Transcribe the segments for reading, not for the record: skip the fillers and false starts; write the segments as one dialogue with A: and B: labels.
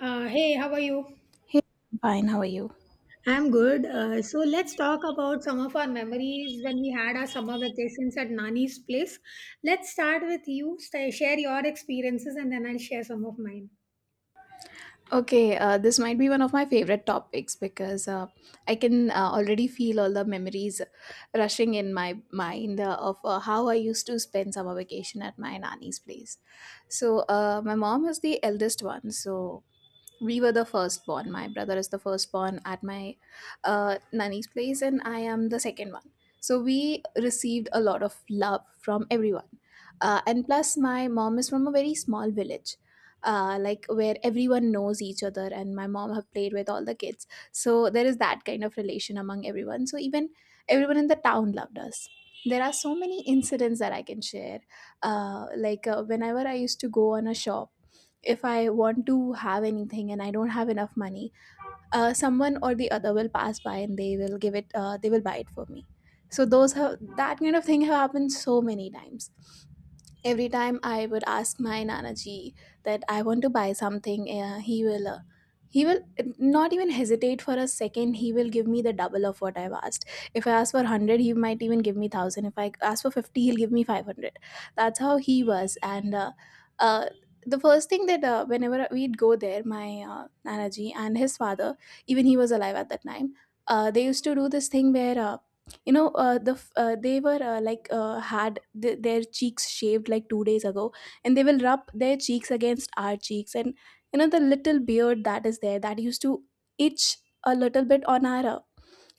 A: Hey, how are you?
B: Hey, I'm fine. How are you?
A: I'm good. So let's talk about some of our memories when we had our summer vacations at Nani's place. Let's start with you. Sta Share your experiences and then I'll share some of mine.
B: Okay, this might be one of my favorite topics because I can already feel all the memories rushing in my mind of how I used to spend summer vacation at my nanny's place. So, my mom is the eldest one, so we were the firstborn. My brother is the firstborn at my nanny's place, and I am the second one. So we received a lot of love from everyone. And plus, my mom is from a very small village, like where everyone knows each other, and my mom have played with all the kids. So there is that kind of relation among everyone. So even everyone in the town loved us. There are so many incidents that I can share. Whenever I used to go on a shop, if I want to have anything and I don't have enough money, someone or the other will pass by and they will give it, they will buy it for me. So those, have that kind of thing, have happened so many times. Every time I would ask my nanaji that I want to buy something, he will eh, not even hesitate for a second. He will give me the double of what I've asked. If I ask for 100, he might even give me 1,000. If I ask for 50, he'll give me 500. That's how he was. And uh, uh, the first thing that, whenever we'd go there, my nanaji and his father, even he was alive at that time, they used to do this thing where, you know the f- they were like had their cheeks shaved like 2 days ago, and they will rub their cheeks against our cheeks, and you know, the little beard that is there, that used to itch a little bit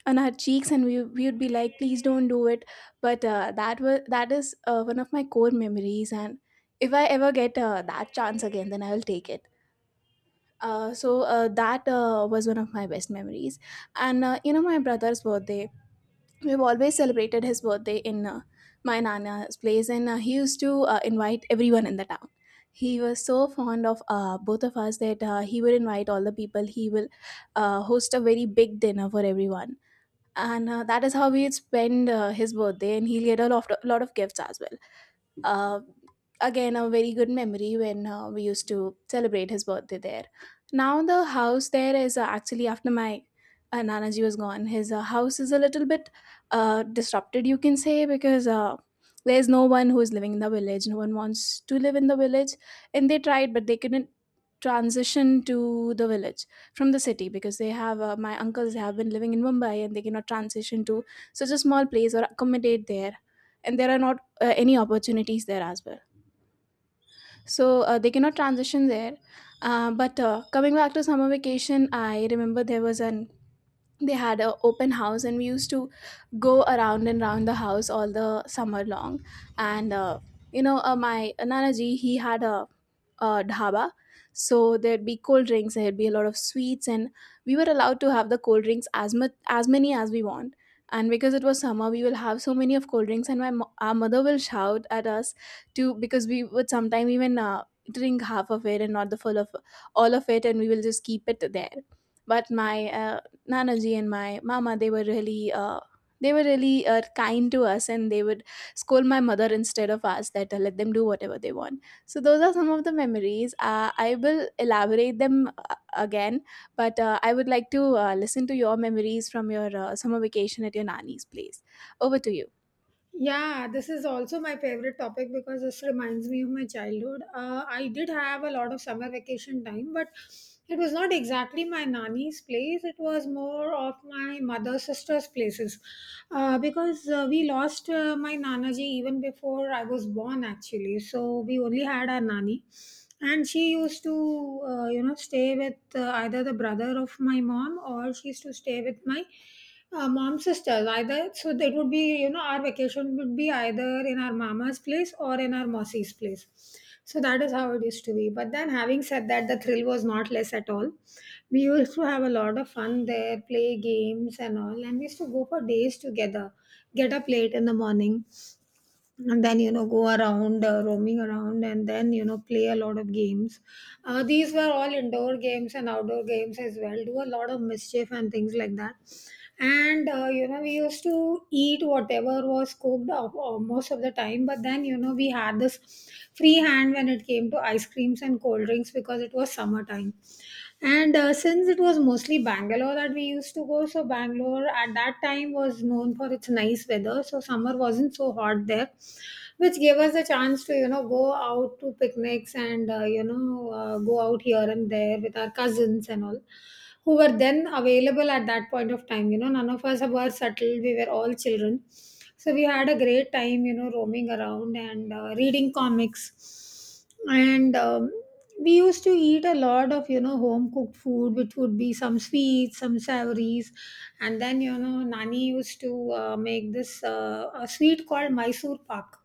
B: on our cheeks, and we would be like, please don't do it. But that was that is one of my core memories, and if I ever get that chance again, then I will take it. So that was one of my best memories. And you know, my brother's birthday, we've always celebrated his birthday in my nana's place, and he used to invite everyone in the town. He was so fond of both of us that he would invite all the people. He will host a very big dinner for everyone, and that is how we'd spend his birthday, and he'll get a lot of gifts as well. Uh, again a very good memory when we used to celebrate his birthday there. Now the house there is actually, after my nanaji was gone, his house is a little bit disrupted, you can say, because there's no one who is living in the village. No one wants to live in the village. And they tried, but they couldn't transition to the village from the city, because they have, my uncles have been living in Mumbai, and they cannot transition to such a small place or accommodate there. And there are not any opportunities there as well. So they cannot transition there. But Coming back to summer vacation, I remember there was an, they had a open house, and we used to go around and round the house all the summer long. And you know, my nanaji, he had a dhaba, so there'd be cold drinks, there'd be a lot of sweets, and we were allowed to have the cold drinks as much as many as we want. And because it was summer, we will have so many of cold drinks, and our mother will shout at us, to, because we would sometime even drink half of it and not the full of all of it, and we will just keep it there. But my uh, Nanaji and my mama, they were really kind to us, and they would scold my mother instead of us, that let them do whatever they want. So those are some of the memories. I will elaborate them again, but I would like to listen to your memories from your summer vacation at your nanny's place. Over to you.
A: Yeah, this is also my favorite topic because this reminds me of my childhood. I did have a lot of summer vacation time, but it was not exactly my nanny's place. It was more of my mother's sister's places because we lost my nanaji even before I was born, actually. So we only had our nanny. And she used to, you know, stay with either the brother of my mom, or she used to stay with my mom sisters either. So that would be, you know, our vacation would be either in our mama's place or in our mossy's place. So that is how it used to be, but then, having said that, the thrill was not less at all. We used to have a lot of fun there, play games and all, and we used to go for days together, get up late in the morning, and then, you know, go around, roaming around, and then, you know, play a lot of games. These were all indoor games and outdoor games as well, do a lot of mischief and things like that. And you know, we used to eat whatever was cooked, most of the time, but then, you know, we had this free hand when it came to ice creams and cold drinks because it was summertime. And since it was mostly Bangalore that we used to go, so Bangalore at that time was known for its nice weather, so summer wasn't so hot there, which gave us the chance to, you know, go out to picnics and, you know, go out here and there with our cousins and all who were then available at that point of time. You know, none of us were settled, we were all children. So we had a great time, you know, roaming around and reading comics and, we used to eat a lot of, you know, home cooked food, which would be some sweets, some savories. And then, you know, Nani used to make this a sweet called Mysore pak,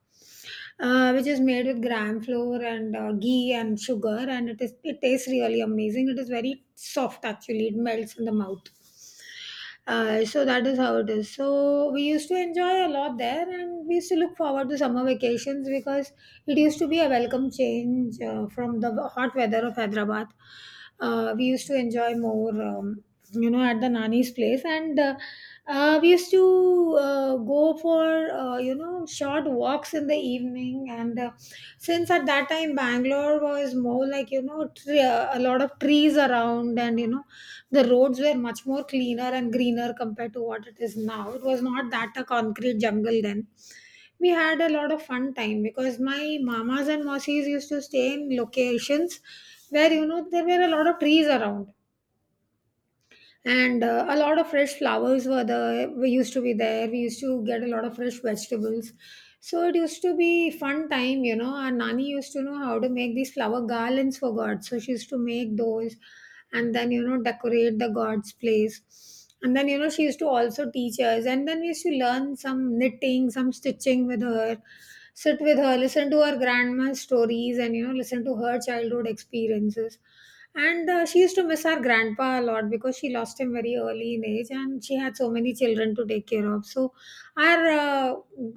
A: which is made with gram flour and ghee and sugar, and it tastes really amazing. It is very soft actually; it melts in the mouth. So that is how it is. So we used to enjoy a lot there, and we used to look forward to summer vacations because it used to be a welcome change from the hot weather of Hyderabad. We used to enjoy more, you know, at the Nani's place, and we used to go for, you know, short walks in the evening. And since at that time Bangalore was more like, you know, a lot of trees around, and you know, the roads were much more cleaner and greener compared to what it is now. It was not that a concrete jungle then. We had a lot of fun time because my mamas and mossies used to stay in locations where, you know, there were a lot of trees around and a lot of fresh flowers were there. We used to be there, we used to get a lot of fresh vegetables. So it used to be fun time. You know, our Nani used to know how to make these flower garlands for god, so she used to make those, and then, you know, decorate the god's place, and then, you know, she used to also teach us, and then we used to learn some knitting, some stitching with her, sit with her, listen to her grandma's stories, and you know, listen to her childhood experiences. And she used to miss our grandpa a lot because she lost him very early in age, and she had so many children to take care of. So our uh,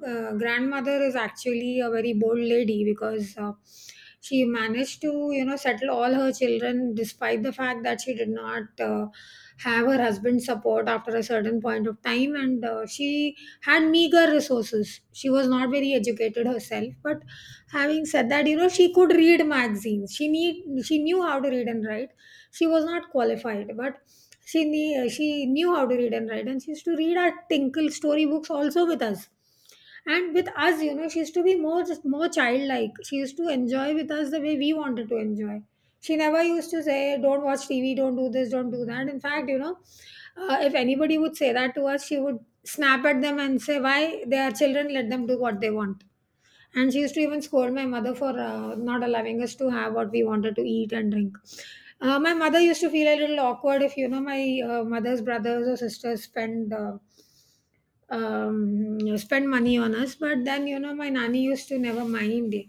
A: uh, grandmother is actually a very bold lady because she managed to, you know, settle all her children despite the fact that she did not have her husband's support after a certain point of time, and she had meager resources. She was not very educated herself, but having said that, you know, she could read magazines. She knew how to read and write. She was not qualified, but she knew how to read and write, and she used to read our Tinkle storybooks also with us. And with us, you know, she used to be more just more childlike. She used to enjoy with us the way we wanted to enjoy. She never used to say, "Don't watch TV, don't do this, don't do that." In fact, you know, if anybody would say that to us, she would snap at them and say, "Why they are children? Let them do what they want." And she used to even scold my mother for not allowing us to have what we wanted to eat and drink. My mother used to feel a little awkward if, you know, my mother's brothers or sisters spend, you know, spend money on us. But then, you know, my nanny used to never mind it.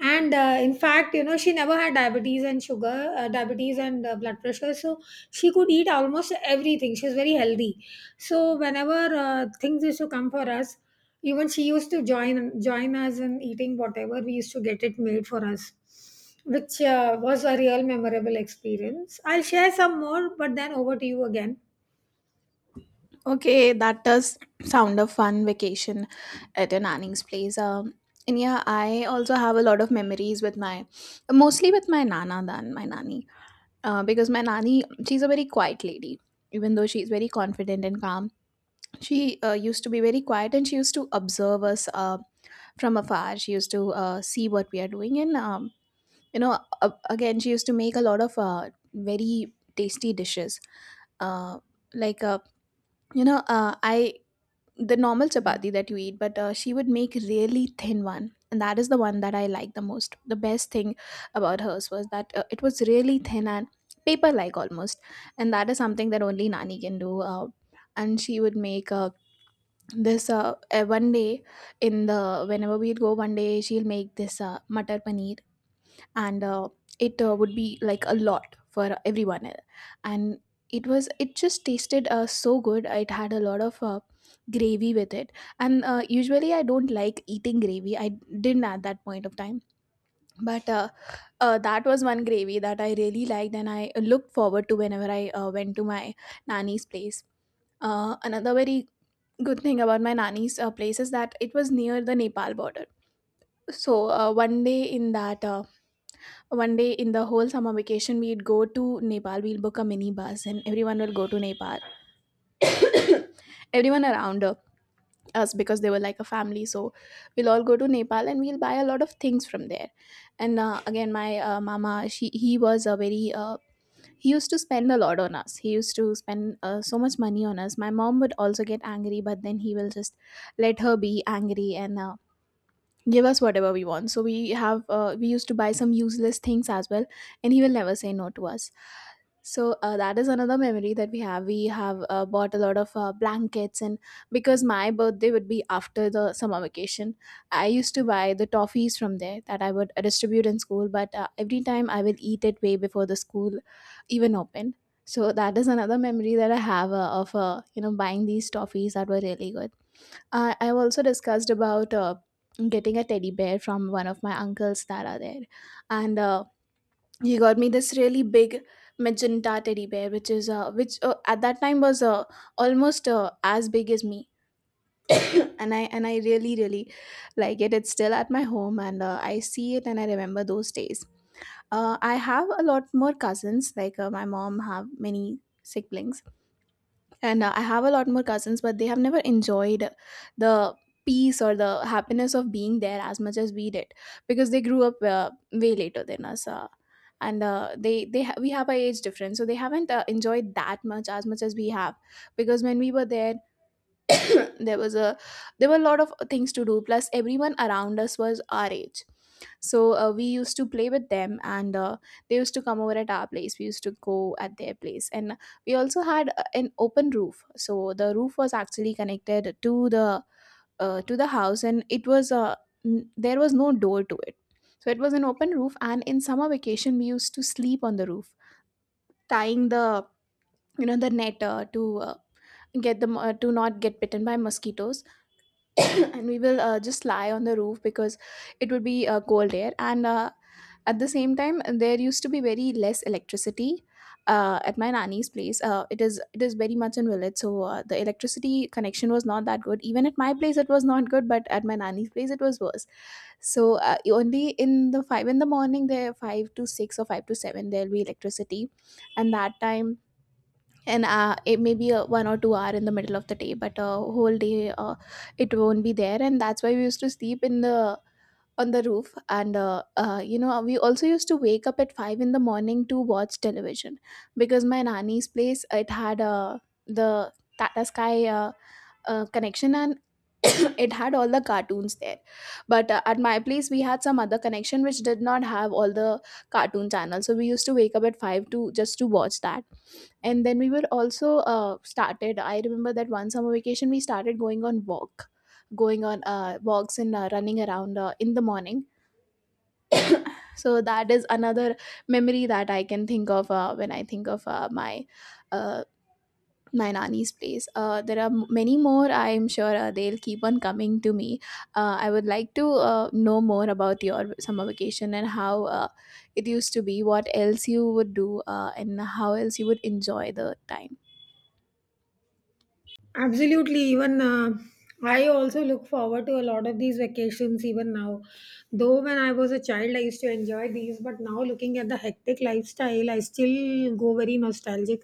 A: And in fact, you know, she never had diabetes and sugar, diabetes and blood pressure. So she could eat almost everything. She was very healthy. So whenever things used to come for us, even she used to join us in eating whatever we used to get it made for us, which was a real memorable experience. I'll share some more, but then over to you again.
B: Okay, that does sound a fun vacation at your nanny's place. And yeah, I also have a lot of memories with my, mostly with my nana than my nanny, because my nanny, she's a very quiet lady. Even though she's very confident and calm, she used to be very quiet, and she used to observe us from afar. She used to see what we are doing, and you know, again, she used to make a lot of very tasty dishes. Uh, like uh, you know uh, i the normal chapati that you eat, but she would make really thin one, and that is the one that I like the most. The best thing about hers was that it was really thin and paper-like almost, and that is something that only Nani can do. And she would make, this one day in the whenever we'd go, one day she'll make this matar paneer, and it would be like a lot for and it was, it just tasted so good. It had a lot of gravy with it, and usually I don't like eating gravy, I didn't at that point of time, but that was one gravy that I really liked, and I looked forward to whenever I went to my nanny's place. Another very good thing about my nanny's place is that it was near the Nepal border. so uh, one day in that uh, One day in the whole summer vacation, we'd go to Nepal. We'll book a mini bus and everyone will go to Nepal, everyone around us, because they were like a family. So we'll all go to Nepal, and we'll buy a lot of things from there. And again, my mama, she he was a very he used to spend a lot on us. He used to spend so much money on us. My mom would also get angry, but then he will just let her be angry, and give us whatever we want. So we have we used to buy some useless things as well, and he will never say no to us. So that is another memory that we have. We have bought a lot of blankets, and because my birthday would be after the summer vacation, I used to buy the toffees from there, that I would distribute in school. But every time I will eat it way before the school even opened. So that is another memory that I have of you know, buying these toffees that were really good. I've also discussed about getting a teddy bear from one of my uncles that are there, and he got me this really big magenta teddy bear, which is which at that time was almost as big as me, and I really really like it. It's still at my home, and I see it and I remember those days. I have a lot more cousins. My mom have many siblings and I have a lot more cousins, but they have never enjoyed the peace or the happiness of being there as much as we did, because they grew up way later than us and We have a age difference, so they haven't enjoyed that much as we have, because when we were there there was a there were a lot of things to do, plus everyone around us was our age. So we used to play with them, and they used to come over at our place, we used to go at their place. And we also had an open roof, so the roof was actually connected to the house, and it was there was no door to it. So it was an open roof, and in summer vacation we used to sleep on the roof, tying the, you know, the net to get them to not get bitten by mosquitoes. And we will just lie on the roof, because it would be cold air, and at the same time there used to be very less electricity at my nanny's place. It is very much in village, so the electricity connection was not that good. Even at my place it was not good, but at my nanny's place it was worse. So only in the 5 in the morning, there 5 to 6 or 5 to 7 there'll be electricity. And that time, and it may be a 1 or 2 hour in the middle of the day, but a whole day it won't be there. And that's why we used to sleep in the on the roof. And you know, we also used to wake up at 5 in the morning to watch television, because my nanny's place, it had the tata sky connection. And it had all the cartoons there, but at my place we had some other connection which did not have all the cartoon channels. So we used to wake up at 5 to just to watch that. And then we were also started I remember that one summer vacation we started going on walks, and running around in the morning. So that is another memory that I can think of when I think of uh, my nanny's place. There are many more, I'm sure they'll keep on coming to me. I would like to know more about your summer vacation, and how it used to be, what else you would do, and how else you would enjoy the time.
A: Absolutely. Even I also look forward to a lot of these vacations even now. Though when I was a child, I used to enjoy these, but now looking at the hectic lifestyle, I still go very nostalgic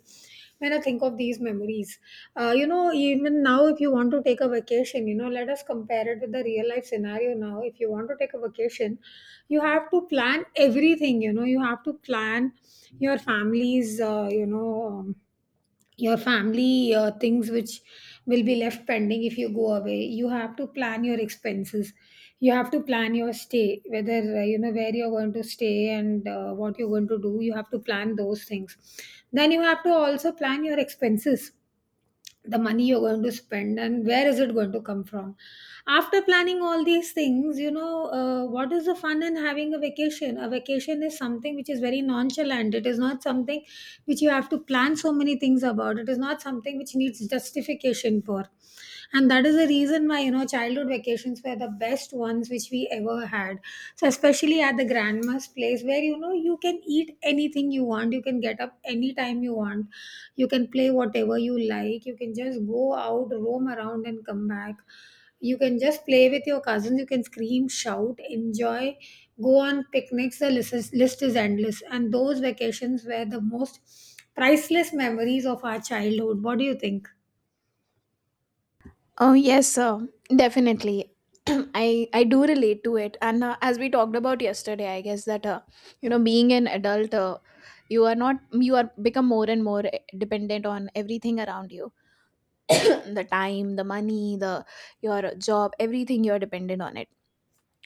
A: when I think of these memories. You know, even now, if you want to take a vacation, you know, let us compare it with the real life scenario now. If you want to take a vacation, you have to plan everything. You know, you have to plan your family's, you know, your family things which will be left pending if you go away. You have to plan your expenses, you have to plan your stay, whether you know, where you're going to stay, and what you're going to do. You have to plan those things. Then you have to also plan your expenses, the money you're going to spend, and where is it going to come from. After planning all these things, you know, what is the fun in having a vacation? A vacation is something which is very nonchalant. It is not something which you have to plan so many things about. It is not something which needs justification for. And that is the reason why, you know, childhood vacations were the best ones which we ever had. So especially at the grandma's place, where, you know, you can eat anything you want, you can get up anytime you want, you can play whatever you like, you can just go out, roam around, and come back. You can just play with your cousins, you can scream, shout, enjoy, go on picnics. The list is endless, and those vacations were the most priceless memories of our childhood. What do you think?
B: Oh yes, sir. Definitely. I do relate to it, and as we talked about yesterday, I guess that you know, being an adult, you are not you are become more and more dependent on everything around you. The time, the money, the your job, everything you are dependent on it.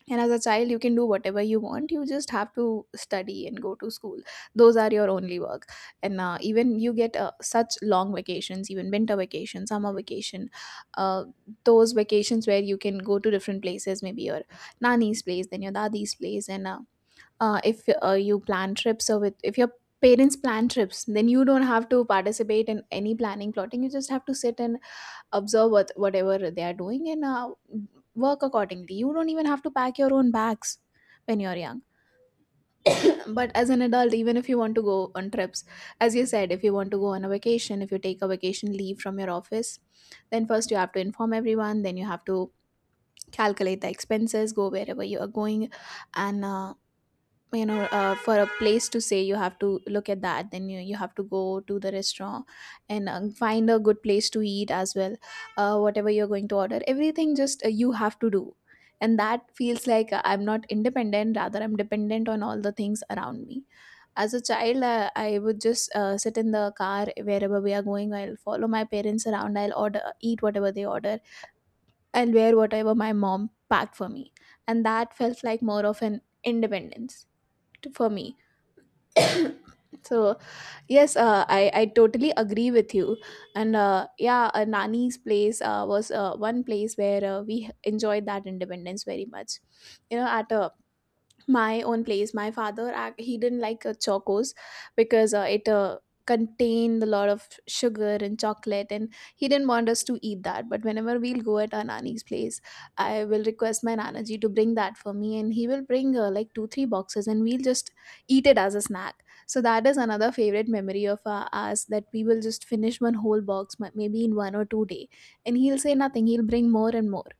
B: And as a child you can do whatever you want, you just have to study and go to school. Those are your only work. And even you get such long vacations, even winter vacation, summer vacation, uh, those vacations where you can go to different places, maybe your nanny's place, then your dadi's place. And uh, uh, if uh, you plan trips, or with if your parents plan trips, then you don't have to participate in any planning, plotting. You just have to sit and observe whatever they are doing, and work accordingly. You don't even have to pack your own bags when you're young. But as an adult, even if you want to go on trips, as you said, if you want to go on a vacation, if you take a vacation leave from your office, then first you have to inform everyone, then you have to calculate the expenses, go wherever you are going. And you know, for a place to say you have to look at that, then you have to go to the restaurant and find a good place to eat as well. Whatever you're going to order, everything, just you have to do. And that feels like, I'm not independent, rather I'm dependent on all the things around me. As a child, I would just sit in the car wherever we are going. I'll follow my parents around, I'll order, eat whatever they order, I'll wear whatever my mom packed for me. And that felt like more of an independence to, for me. So yes, I totally agree with you, and yeah, Nani's place was one place where we enjoyed that independence very much. You know, at a my own place, my father he didn't like chocos, because it contained a lot of sugar and chocolate, and he didn't want us to eat that. But whenever we'll go at our nani's place, I will request my nanaji to bring that for me, and he will bring like two three boxes, and we'll just eat it as a snack. So that is another favorite memory of us, that we will just finish one whole box, maybe in 1 or 2 day, and he'll say nothing, he'll bring more and more.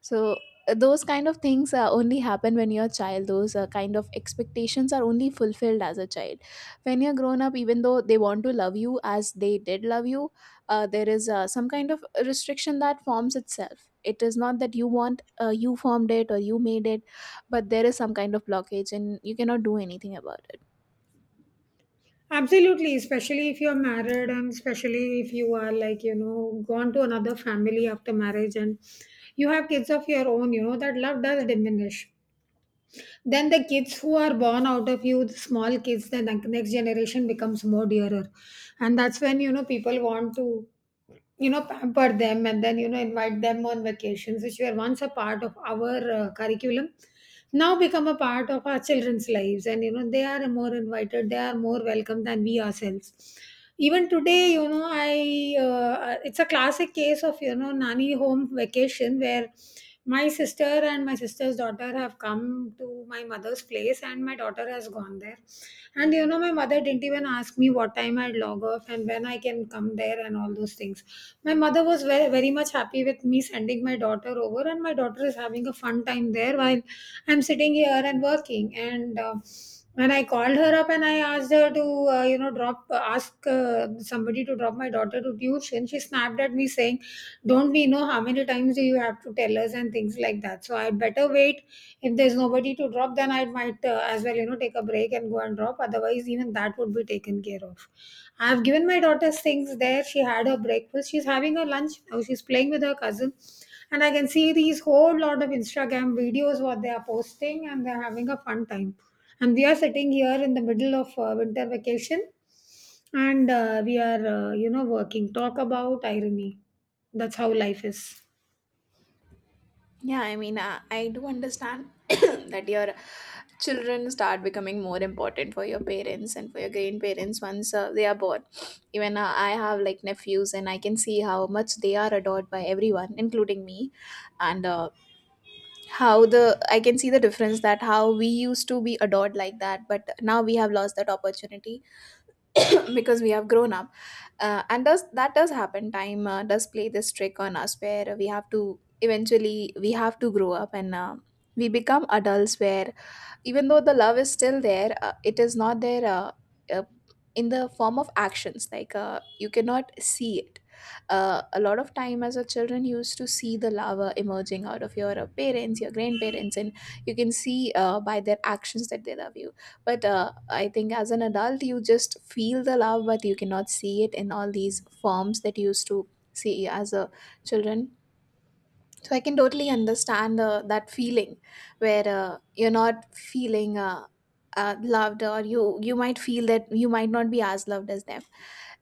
B: So those kind of things only happen when you're a child. Those kind of expectations are only fulfilled as a child. When you're grown up, even though they want to love you as they did love you, there is some kind of restriction that forms itself. It is not that you formed it or you made it, but there is some kind of blockage, and you cannot do anything about it.
A: Absolutely, especially if you're married, and especially if you are, like, you know, gone to another family after marriage, and you have kids of your own, you know, that love does diminish. Then the kids who are born out of you, the small kids, the next generation becomes more dearer. And that's when, you know, people want to, you know, pamper them, and then, you know, invite them on vacations, which were once a part of our curriculum, now become a part of our children's lives. And you know, they are more invited, they are more welcome than we ourselves. Even today, you know, I, it's a classic case of, you know, Nanny home vacation, where my sister and my sister's daughter have come to my mother's place, and my daughter has gone there. And you know, my mother didn't even ask me what time I'd log off and when I can come there and all those things. My mother was very, very much happy with me sending my daughter over, and my daughter is having a fun time there while I'm sitting here and working. And When I called her up and I asked her to, drop, ask somebody to drop my daughter to tuition, she snapped at me saying, "Don't we know how many times do you have to tell us and things like that?" So I'd better wait if there's nobody to drop, then I might as well, take a break and go and drop. Otherwise, even that would be taken care of. I've given my daughter things there. She had her breakfast. She's having her lunch now. She's playing with her cousin. And I can see these whole lot of Instagram videos what they are posting and they're having a fun time. And we are sitting here in the middle of winter vacation and we are, you know, working. Talk about irony. That's how life is.
B: Yeah, I mean, I do understand that your children start becoming more important for your parents and for your grandparents once they are born. Even I have like nephews, and I can see how much they are adored by everyone, including me. And how the I can see the difference that how we used to be adored like that, but now we have lost that opportunity because we have grown up. And does happen, time does play this trick on us, where we have to, eventually we have to grow up. And we become adults, where even though the love is still there, it is not there uh, in the form of actions. Like you cannot see it. A lot of time as a children, you used to see the love emerging out of your parents, your grandparents, and you can see by their actions that they love you. But I think as an adult, you just feel the love, but you cannot see it in all these forms that you used to see as a children. So I can totally understand that feeling, where you're not feeling loved, or you might feel that you might not be as loved as them.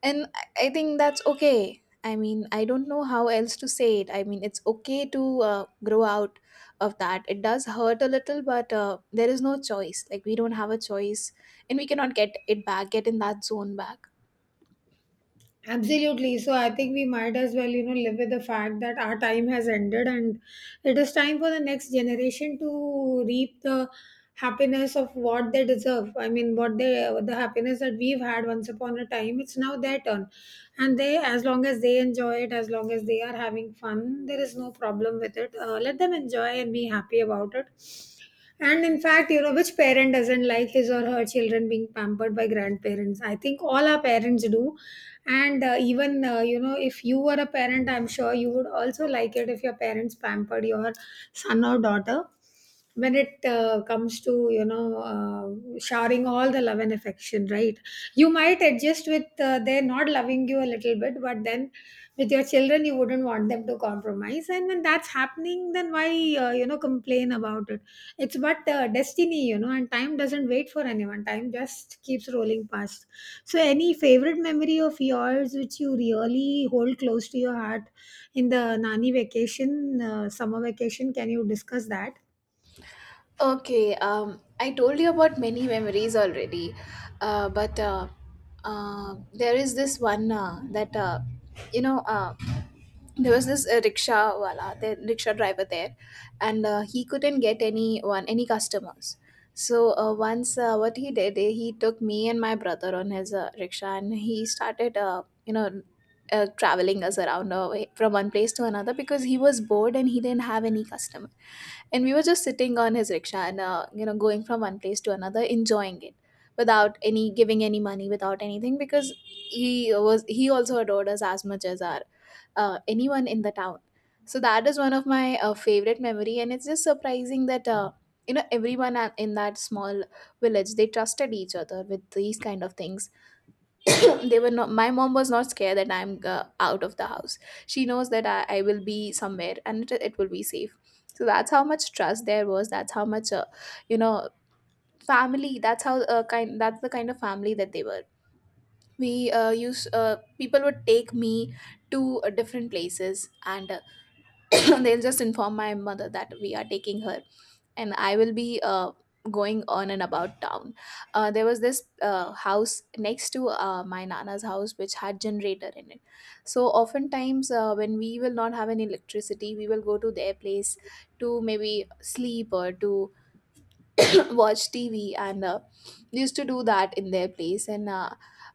B: And I think that's okay. I mean, I don't know how else to say it. I mean, it's okay to grow out of that. It does hurt a little, but there is no choice. Like, we don't have a choice, and we cannot get it back, get in that zone back.
A: Absolutely. So I think we might as well, live with the fact that our time has ended and it is time for the next generation to reap the happiness of what they deserve. I mean, the happiness that we've had once upon a time, it's now their turn. And they, as long as they enjoy it, as long as they are having fun, there is no problem with it. Let them enjoy and be happy about it. And in fact, you know, which parent doesn't like his or her children being pampered by grandparents? I think all our parents do, and even you know, if you were a parent, I'm sure you would also like it if your parents pampered your son or daughter when it comes to, you know, showering all the love and affection, right? You might adjust with they're not loving you a little bit, but then with your children, you wouldn't want them to compromise. And when that's happening, then why you know, complain about it? It's but uh, destiny, you know, and time doesn't wait for anyone. Time just keeps rolling past. So any favorite memory of yours which you really hold close to your heart in the nani vacation, summer vacation, can you discuss that?
B: Okay, I told you about many memories already, but there is this one that, you know. There was this rickshaw wala, the rickshaw driver there, and he couldn't get anyone, any customers. So once, what he did, he took me and my brother on his rickshaw, and he started, you know, traveling us around from one place to another, because he was bored and he didn't have any customer. And we were just sitting on his rickshaw, and, you know, going from one place to another, enjoying it without any, giving any money, without anything, because he also adored us as much as our anyone in the town. So that is one of my favorite memory, and it's just surprising that you know, everyone in that small village, they trusted each other with these kind of things. they were not My mom was not scared that I'm out of the house. She knows that I will be somewhere, and it will be safe. So that's how much trust there was, that's how much you know, family, that's how kind, that's the kind of family that they were. We use People would take me to different places, and they'll just inform my mother that we are taking her, and I will be going on and about town. There was this house next to my nana's house, which had generator in it. So oftentimes when we will not have any electricity, we will go to their place to maybe sleep or to watch tv. And we used to do that in their place. And uh,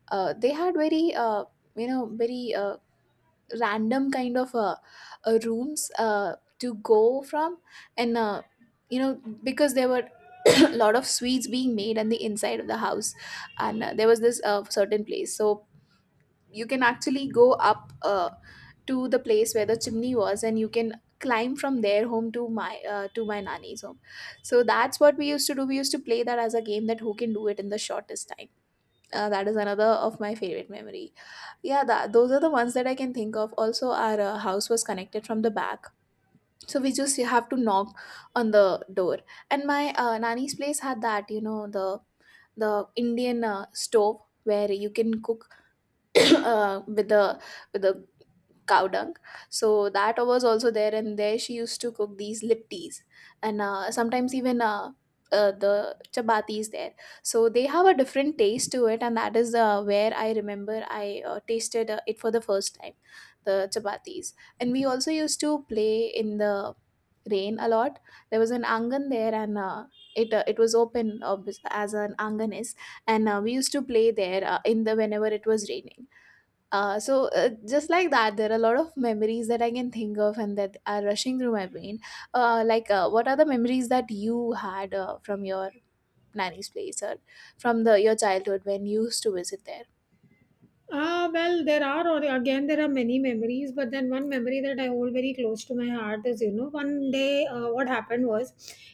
B: uh, they had very, you know, very random kind of rooms to go from. And you know, because there were a lot of sweets being made on the inside of the house. And there was this certain place. So you can actually go up to the place where the chimney was, and you can climb from their home to my nanny's home. So that's what we used to do, we used to play that as a game. That who can do it in the shortest time. That is another of my favorite memory. Yeah, that, those are the ones that I can think of. Also, our house was connected from the back. So we just have to knock on the door. And my nanny's place had that, you know, the Indian stove where you can cook uh, with the with the cow dung. So that was also there, and there she used to cook these liptis. And sometimes even the chapati is there, so they have a different taste to it. And that is where I remember I tasted it for the first time, the chapatis. And we also used to play in the rain a lot. There was an angan there, and it was open, as an angan is. And we used to play there in the whenever it was raining. So just like that, there are a lot of memories that I can think of and that are rushing through my brain. What are the memories that you had from your nanny's place or from the your childhood when you used to visit there?
A: Ah, well, there are, there are many memories, but then one memory that I hold very close to my heart is, you know, one day what happened was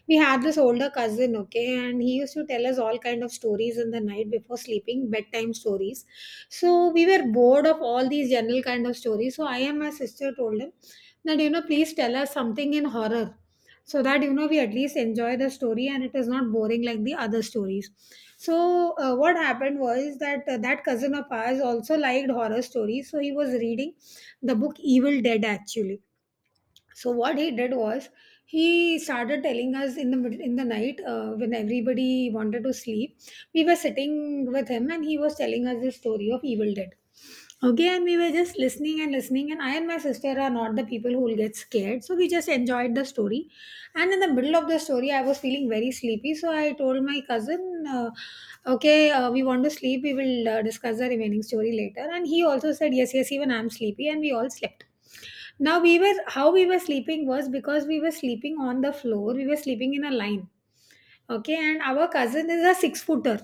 A: we had this older cousin, okay, and he used to tell us all kind of stories in the night before sleeping, bedtime stories. So we were bored of all these general kind of stories. So I and my sister told him that, you know, please tell us something in horror so that, you know, we at least enjoy the story and it is not boring like the other stories. So what happened was that, that cousin of ours also liked horror stories, so he was reading the book Evil Dead, actually. So what he did was he started telling us in the middle in the night when everybody wanted to sleep. We were sitting with him and he was telling us the story of Evil Dead. Okay, and we were just listening and listening, and I and my sister are not the people who will get scared, so we just enjoyed the story. And in the middle of the story, I was feeling very sleepy, so I told my cousin, okay, we want to sleep, we will discuss the remaining story later. And he also said, yes, yes, even I'm sleepy, and we all slept. Now we were, how we were sleeping was, because we were sleeping on the floor. We were sleeping in a line. Okay, and our cousin is a six footer,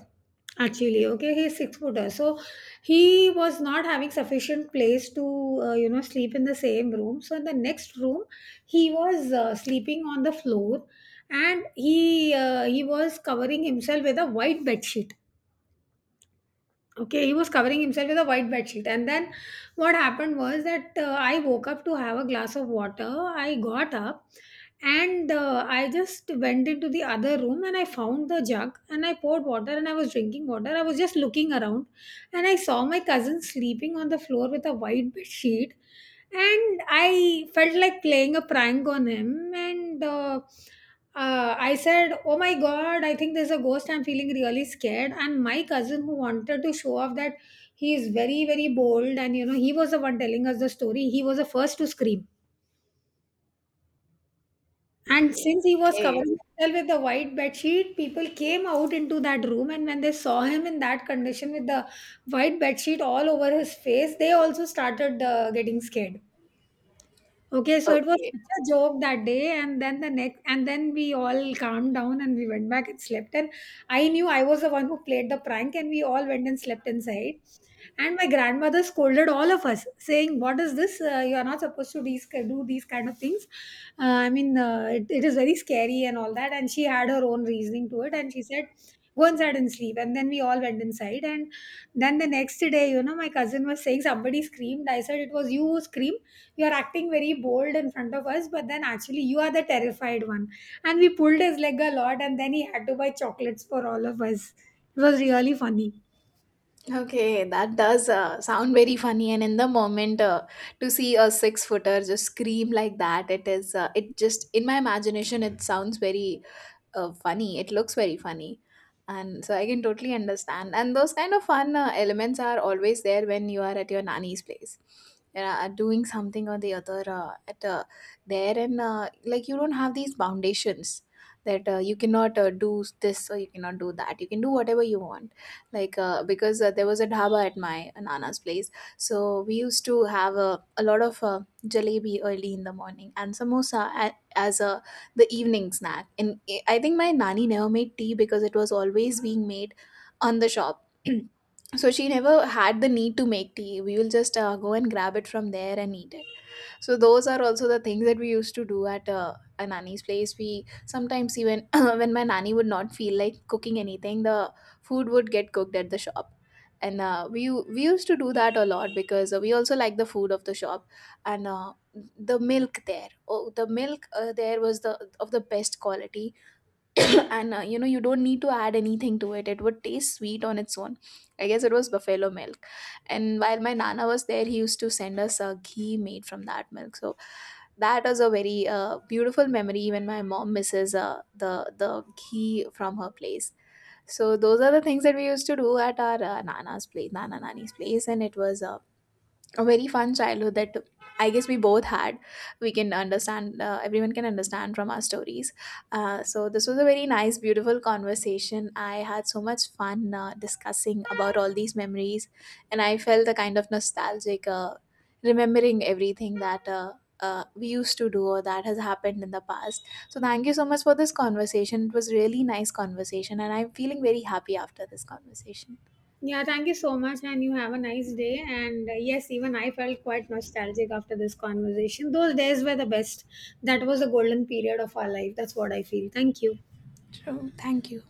A: actually. Okay, he's six footer, so he was not having sufficient place to sleep in the same room. So in the next room, he was sleeping on the floor, and he was covering himself with a white bed sheet. Okay, he was covering himself with a white bed sheet. And then what happened was that I woke up to have a glass of water. I got up and I just went into the other room, and I found the jug, and I poured water, and I was drinking water. I was just looking around, and I saw my cousin sleeping on the floor with a white bed sheet. And I felt like playing a prank on him, and I said, "Oh my god, I think there's a ghost. I'm feeling really scared." And my cousin, who wanted to show off that he is very, very bold, and, you know, he was the one telling us the story, he was the first to scream. And since he was
B: Okay,
A: covering himself with the white bed sheet, people came out into that room, and when they saw him in that condition with the white bed sheet all over his face, they also started getting scared. Okay, so it was
B: okay,
A: such a joke that day, and then the next, and then we all calmed down and we went back and slept. And I knew I was the one who played the prank, and we all went and slept inside. And my grandmother scolded all of us, saying, "What is this? You are not supposed to these, do these kind of things. I mean, it, it is very scary and all that." And she had her own reasoning to it, and she said, "Go inside and sleep." And then we all went inside, and then the next day, you know, my cousin was saying somebody screamed. I said, "It was you who screamed. You're acting very bold in front of us, but then actually you are the terrified one." And we pulled his leg a lot, and then he had to buy chocolates for all of us. It was really funny.
B: okay. That does sound very funny. And in the moment, to see a six footer just scream like that, it is. It just in my imagination, it sounds very funny. It looks very funny. And so I can totally understand. And those kind of fun elements are always there when you are at your nanny's place. You know, doing something or the other at there. And like, you don't have these foundations that you cannot do this or you cannot do that. You can do whatever you want. Because there was a dhaba at my nana's place. So we used to have a lot of jalebi early in the morning and samosa as a the evening snack. And I think my nanny never made tea because it was always being made on the shop. So she never had the need to make tea. We will just go and grab it from there and eat it. So those are also the things that we used to do at a nanny's place. We sometimes even when my nanny would not feel like cooking anything, the food would get cooked at the shop. And we used to do that a lot because we also like the food of the shop. And the milk there, oh, the milk there was the of the best quality. And you know, you don't need to add anything to it, it would taste sweet on its own. I guess it was buffalo milk. And while my nana was there, he used to send us a ghee made from that milk. So that was a very beautiful memory. Even my mom misses the ghee from her place. So those are the things that we used to do at our nana's place, nana nani's place. And it was a very fun childhood that I guess we both had. We can understand, everyone can understand from our stories. So, this was a very nice, beautiful conversation. I had so much fun discussing about all these memories, and I felt a kind of nostalgic, remembering everything that. We used to do or that has happened in the past. So, thank you so much for this conversation. It was really nice conversation, and I'm feeling very happy after this conversation.
A: Yeah, thank you so much, and you have a nice day. And yes, even I felt quite nostalgic after this conversation. Those days were the best. That was the golden period of our life, that's what I feel. Thank you.
B: True. Thank you.